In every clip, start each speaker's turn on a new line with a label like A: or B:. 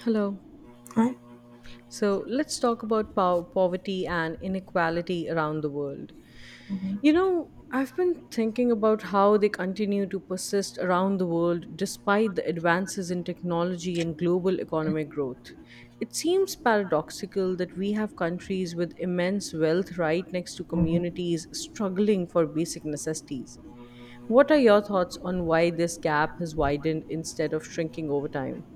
A: Hello.
B: Huh?
A: So let's talk about poverty and inequality around the world. You know, I've been thinking about how they continue to persist around the world despite the advances in technology and global economic growth. It seems paradoxical that we have countries with immense wealth right next to communities struggling for basic necessities. What are your thoughts on why this gap has widened instead of shrinking over time?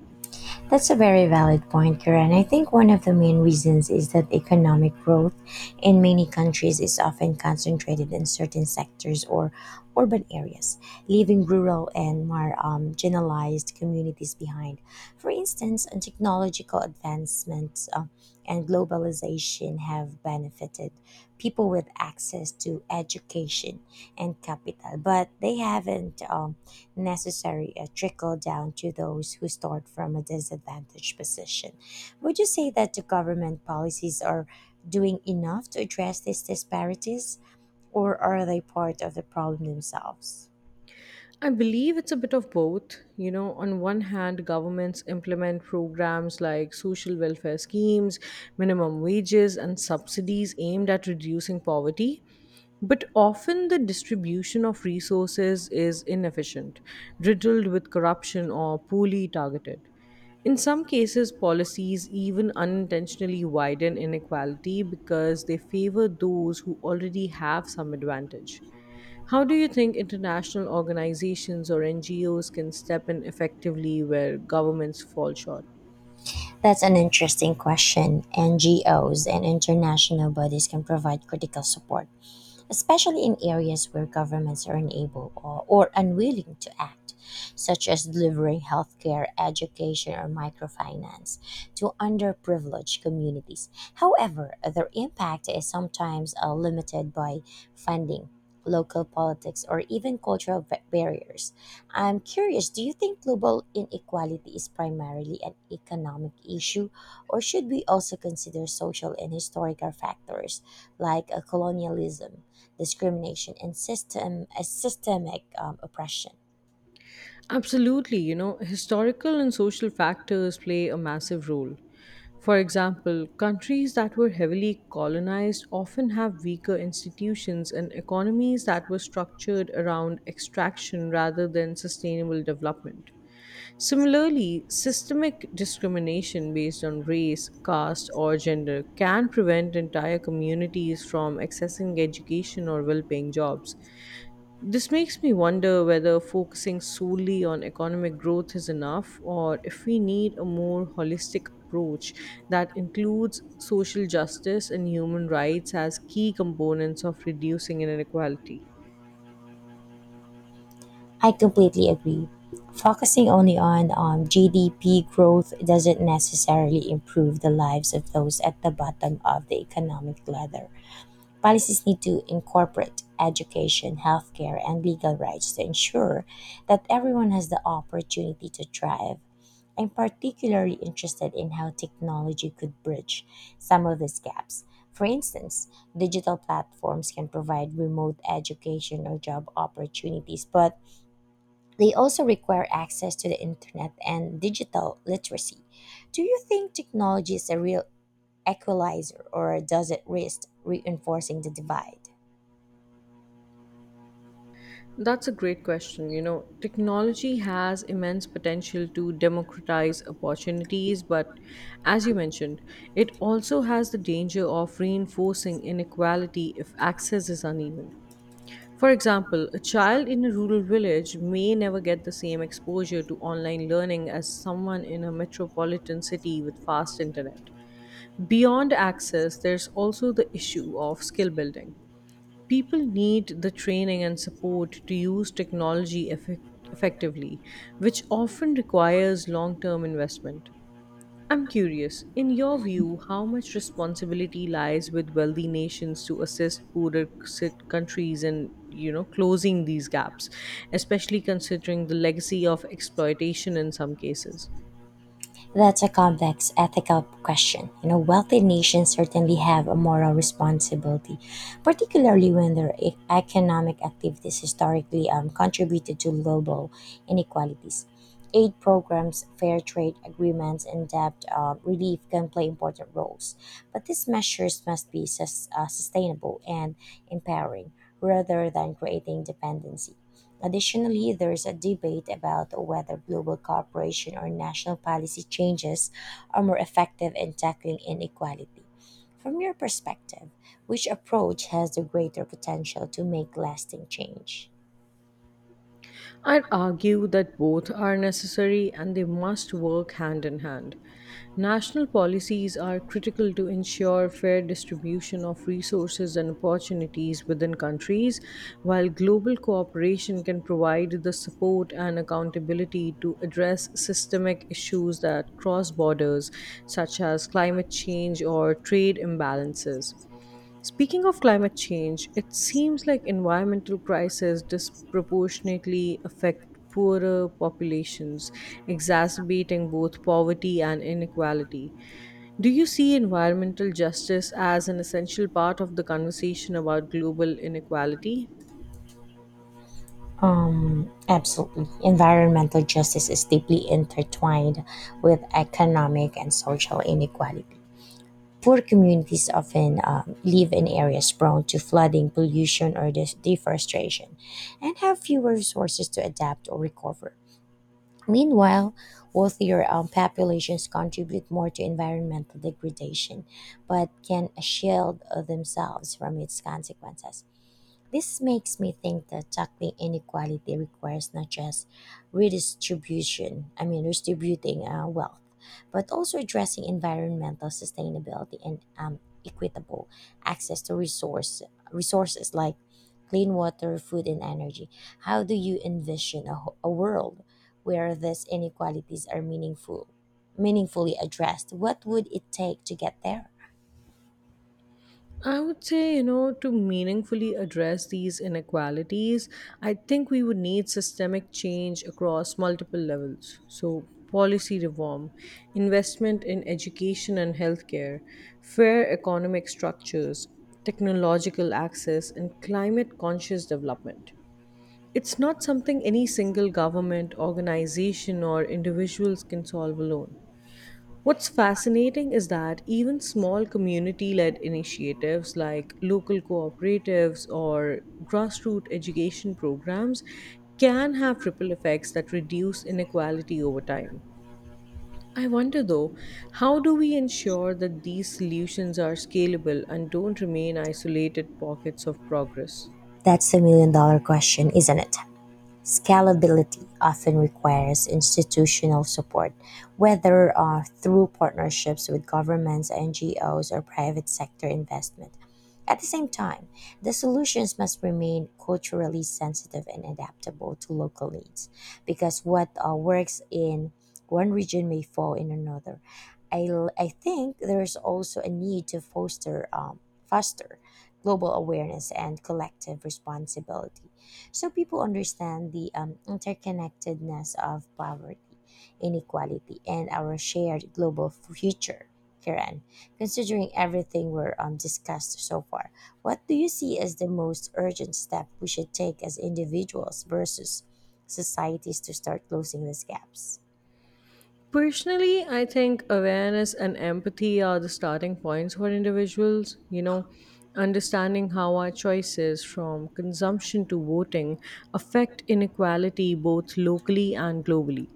B: That's a very valid point, Karen. I think one of the main reasons is that economic growth in many countries is often concentrated in certain sectors or urban areas, leaving rural and more generalized communities behind. For instance, technological advancements and globalization have benefited people with access to education and capital, but they haven't. Necessary a trickle down to those who start from a disadvantaged position. Would you say that the government policies are doing enough to address these disparities, or are they part of the problem themselves?
A: I believe it's a bit of both. You know, on one hand, governments implement programs like social welfare schemes, minimum wages, and subsidies aimed at reducing poverty. But often the distribution of resources is inefficient, riddled with corruption, or poorly targeted. In some cases, policies even unintentionally widen inequality because they favor those who already have some advantage. How do you think international organizations or NGOs can step in effectively where governments fall short?
B: That's an interesting question. NGOs and international bodies can provide critical support, especially in areas where governments are unable or unwilling to act, such as delivering healthcare, education, or microfinance to underprivileged communities. However, their impact is sometimes limited by funding. Local politics or even cultural barriers. I'm curious, do you think global inequality is primarily an economic issue, or should we also consider social and historical factors like colonialism, discrimination and systemic oppression.
A: Absolutely, you know, historical and social factors play a massive role. For example, countries that were heavily colonized often have weaker institutions and economies that were structured around extraction rather than sustainable development. Similarly, systemic discrimination based on race, caste, or gender can prevent entire communities from accessing education or well paying jobs. This makes me wonder whether focusing solely on economic growth is enough or if we need a more holistic approach that includes social justice and human rights as key components of reducing inequality.
B: I completely agree. Focusing only on GDP growth doesn't necessarily improve the lives of those at the bottom of the economic ladder. Policies need to incorporate education, healthcare, and legal rights to ensure that everyone has the opportunity to thrive. I'm particularly interested in how technology could bridge some of these gaps. For instance, digital platforms can provide remote education or job opportunities, but they also require access to the internet and digital literacy. Do you think technology is a real equalizer, or does it risk reinforcing the divide?
A: That's a great question. You know, technology has immense potential to democratize opportunities, but as you mentioned, it also has the danger of reinforcing inequality if access is uneven. For example, a child in a rural village may never get the same exposure to online learning as someone in a metropolitan city with fast internet. Beyond access, there's also the issue of skill building people need the training and support to use technology effectively, which often requires long term investment. I'm curious, in your view, how much responsibility lies with wealthy nations to assist poorer countries in, you know, closing these gaps, especially considering the legacy of exploitation in some cases?
B: That's a complex ethical question. You know, wealthy nations certainly have a moral responsibility, particularly when their economic activities historically contributed to global inequalities. Aid programs, fair trade agreements, and debt relief can play important roles, but these measures must be sustainable and empowering rather than creating dependency. Additionally, there's a debate about whether global cooperation or national policy changes are more effective in tackling inequality. From your perspective, which approach has the greater potential to make lasting change?
A: I'd argue that both are necessary and they must work hand in hand. National policies are critical to ensure fair distribution of resources and opportunities within countries, while global cooperation can provide the support and accountability to address systemic issues that cross borders, such as climate change or trade imbalances. Speaking of climate change, it seems like environmental crises disproportionately affect poorer populations, exacerbating both poverty and inequality. Do you see environmental justice as an essential part of the conversation about global inequality?
B: Absolutely. Environmental justice is deeply intertwined with economic and social inequality. Poor communities often live in areas prone to flooding, pollution, or deforestation, and have fewer resources to adapt or recover. Meanwhile, wealthier populations contribute more to environmental degradation, but can shield themselves from its consequences. This makes me think that tackling inequality requires not just redistribution, I mean, distributing wealth, but also addressing environmental sustainability and equitable access to resources like clean water, food, and energy. How do you envision a world where these inequalities are meaningfully addressed? What would it take to get there?
A: I would say, you know, to meaningfully address these inequalities, I think we would need systemic change across multiple levels. So, policy reform, investment in education and healthcare, fair economic structures, technological access, and climate conscious development. It's not something any single government, organization, or individuals can solve alone. What's fascinating is that even small community led initiatives like local cooperatives or grassroots education programs can have ripple effects that reduce inequality over time. I wonder though, how do we ensure that these solutions are scalable and don't remain isolated pockets of progress?
B: That's a million dollar question, isn't it? Scalability often requires institutional support, whether through partnerships with governments, NGOs, or private sector investment. At the same time, the solutions must remain culturally sensitive and adaptable to local needs because what works in one region may fall in another. I, I think there's also a need to foster global awareness and collective responsibility so people understand the interconnectedness of poverty, inequality, and our shared global future. Kiran, considering everything we're discussed so far, what do you see as the most urgent step we should take as individuals versus societies to start closing these gaps?
A: Personally, I think awareness and empathy are the starting points for individuals. You know, understanding how our choices from consumption to voting affect inequality both locally and globally.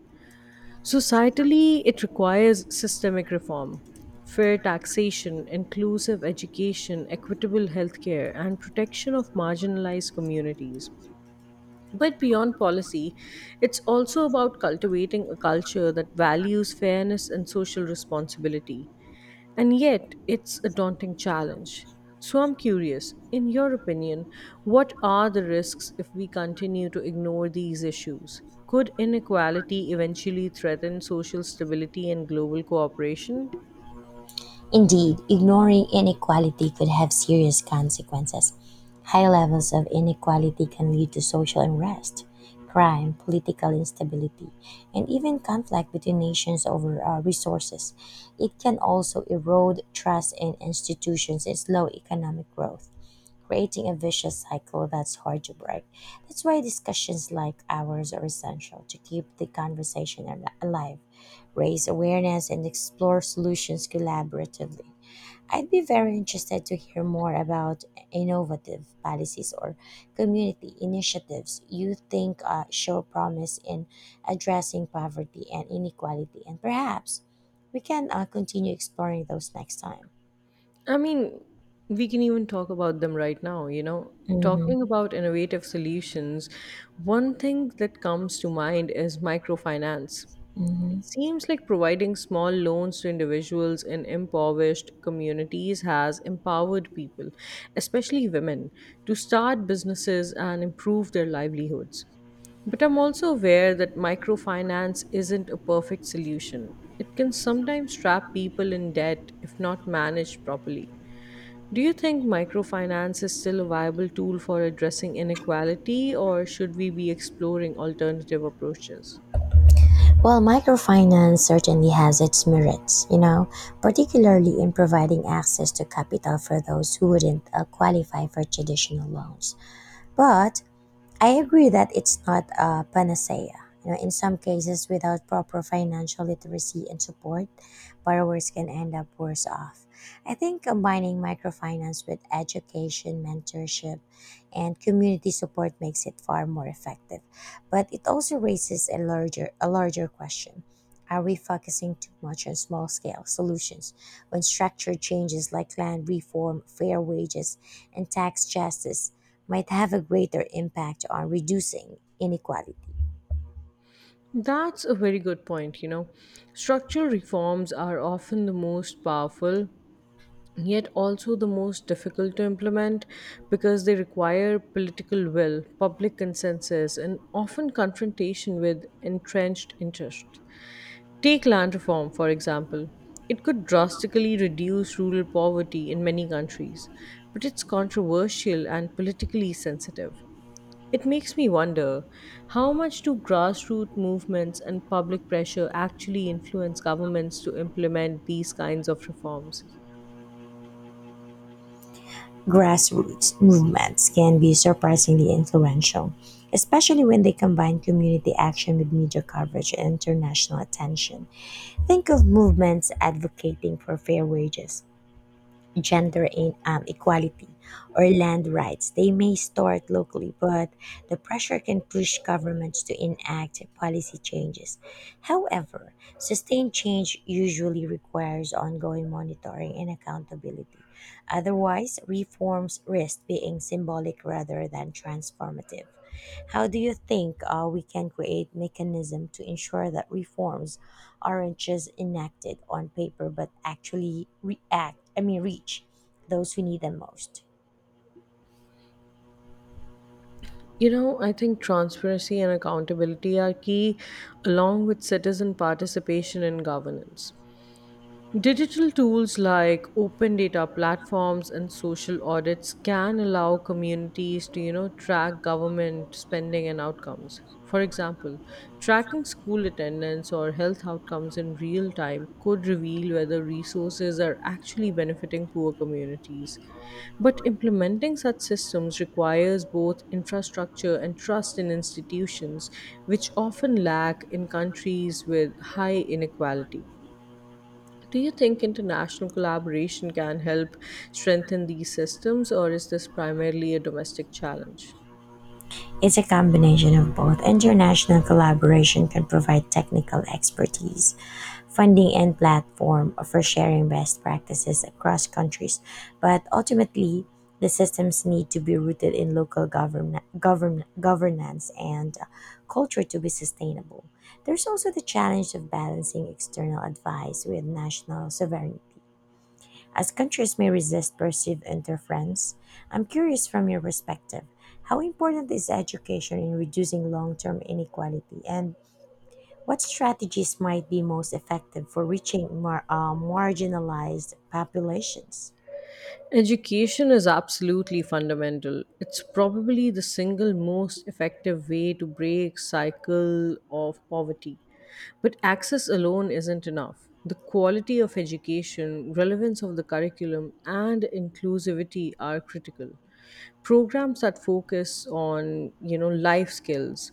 A: Societally, it requires systemic reform, fair taxation, inclusive education, equitable healthcare, and protection of marginalized communities. But beyond policy, it's also about cultivating a culture that values fairness and social responsibility. And yet, it's a daunting challenge. So, I'm curious, in your opinion, what are the risks if we continue to ignore these issues? Could inequality eventually threaten social stability and global cooperation?
B: Indeed, ignoring inequality could have serious consequences. High levels of inequality can lead to social unrest, crime, political instability, and even conflict between nations over resources. It can also erode trust in institutions and slow economic growth, creating a vicious cycle that's hard to break. That's why discussions like ours are essential to keep the conversation alive, raise awareness, and explore solutions collaboratively. I'd be very interested to hear more about innovative policies or community initiatives you think show promise in addressing poverty and inequality, and perhaps we can continue exploring those next time.
A: I mean, we can even talk about them right now, you know. Talking
B: Mhm.
A: about innovative solutions, one thing that comes to mind is microfinance.
B: Mm-hmm.
A: It seems like providing small loans to individuals in impoverished communities has empowered people, especially women, to start businesses and improve their livelihoods. But I'm also aware that microfinance isn't a perfect solution. It can sometimes trap people in debt if not managed properly. Do you think microfinance is still a viable tool for addressing inequality, or should we be exploring alternative approaches?
B: Well, microfinance certainly has its merits, you know, particularly in providing access to capital for those who wouldn't qualify for traditional loans. But I agree that it's not a panacea. You know, in some cases, without proper financial literacy and support, borrowers can end up worse off. I think combining microfinance with education, mentorship, and community support makes it far more effective. But it also raises a larger question. Are we focusing too much on small scale solutions when structural changes like land reform, fair wages, and tax justice might have a greater impact on reducing inequality.
A: That's a very good point. You know, structural reforms are often the most powerful yet also the most difficult to implement because they require political will, public consensus, and often confrontation with entrenched interests. Take land reform, for example. It could drastically reduce rural poverty in many countries, but it's controversial and politically sensitive. It makes me wonder how much do grassroots movements and public pressure actually influence governments to implement these kinds of reforms?
B: Grassroots movements can be surprisingly influential, especially when they combine community action with media coverage and international attention. Think of movements advocating for fair wages, equality or land rights. They may start locally, but the pressure can push governments to enact policy changes. However, sustained change usually requires ongoing monitoring and accountability. Otherwise, reforms risk being symbolic rather than transformative. How do you think we can create mechanism to ensure that reforms aren't just enacted on paper but actually react, I mean, reach those who need them most.
A: You know, I think transparency and accountability are key, along with citizen participation in governance. Digital tools like open data platforms and social audits can allow communities to, you know, track government spending and outcomes. For example, tracking school attendance or health outcomes in real time could reveal whether resources are actually benefiting poor communities. But implementing such systems requires both infrastructure and trust in institutions, which often lack in countries with high inequality. Do you think international collaboration can help strengthen these systems, or is this primarily a domestic challenge?
B: It's a combination of both. International collaboration can provide technical expertise, funding, and platform for sharing best practices across countries, but ultimately, the systems need to be rooted in local governance and culture to be sustainable. There's also the challenge of balancing external advice with national sovereignty. As countries may resist perceived interference, I'm curious from your perspective how important is education in reducing long term inequality, and what strategies might be most effective for reaching marginalized populations?
A: Education is absolutely fundamental. It's probably the single most effective way to break cycle of poverty. But access alone isn't enough. The quality of education, relevance of the curriculum, and inclusivity are critical. Programs that focus on, you know, life skills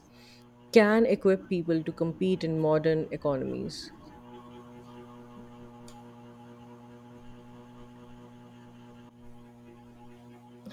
A: can equip people to compete in modern economies.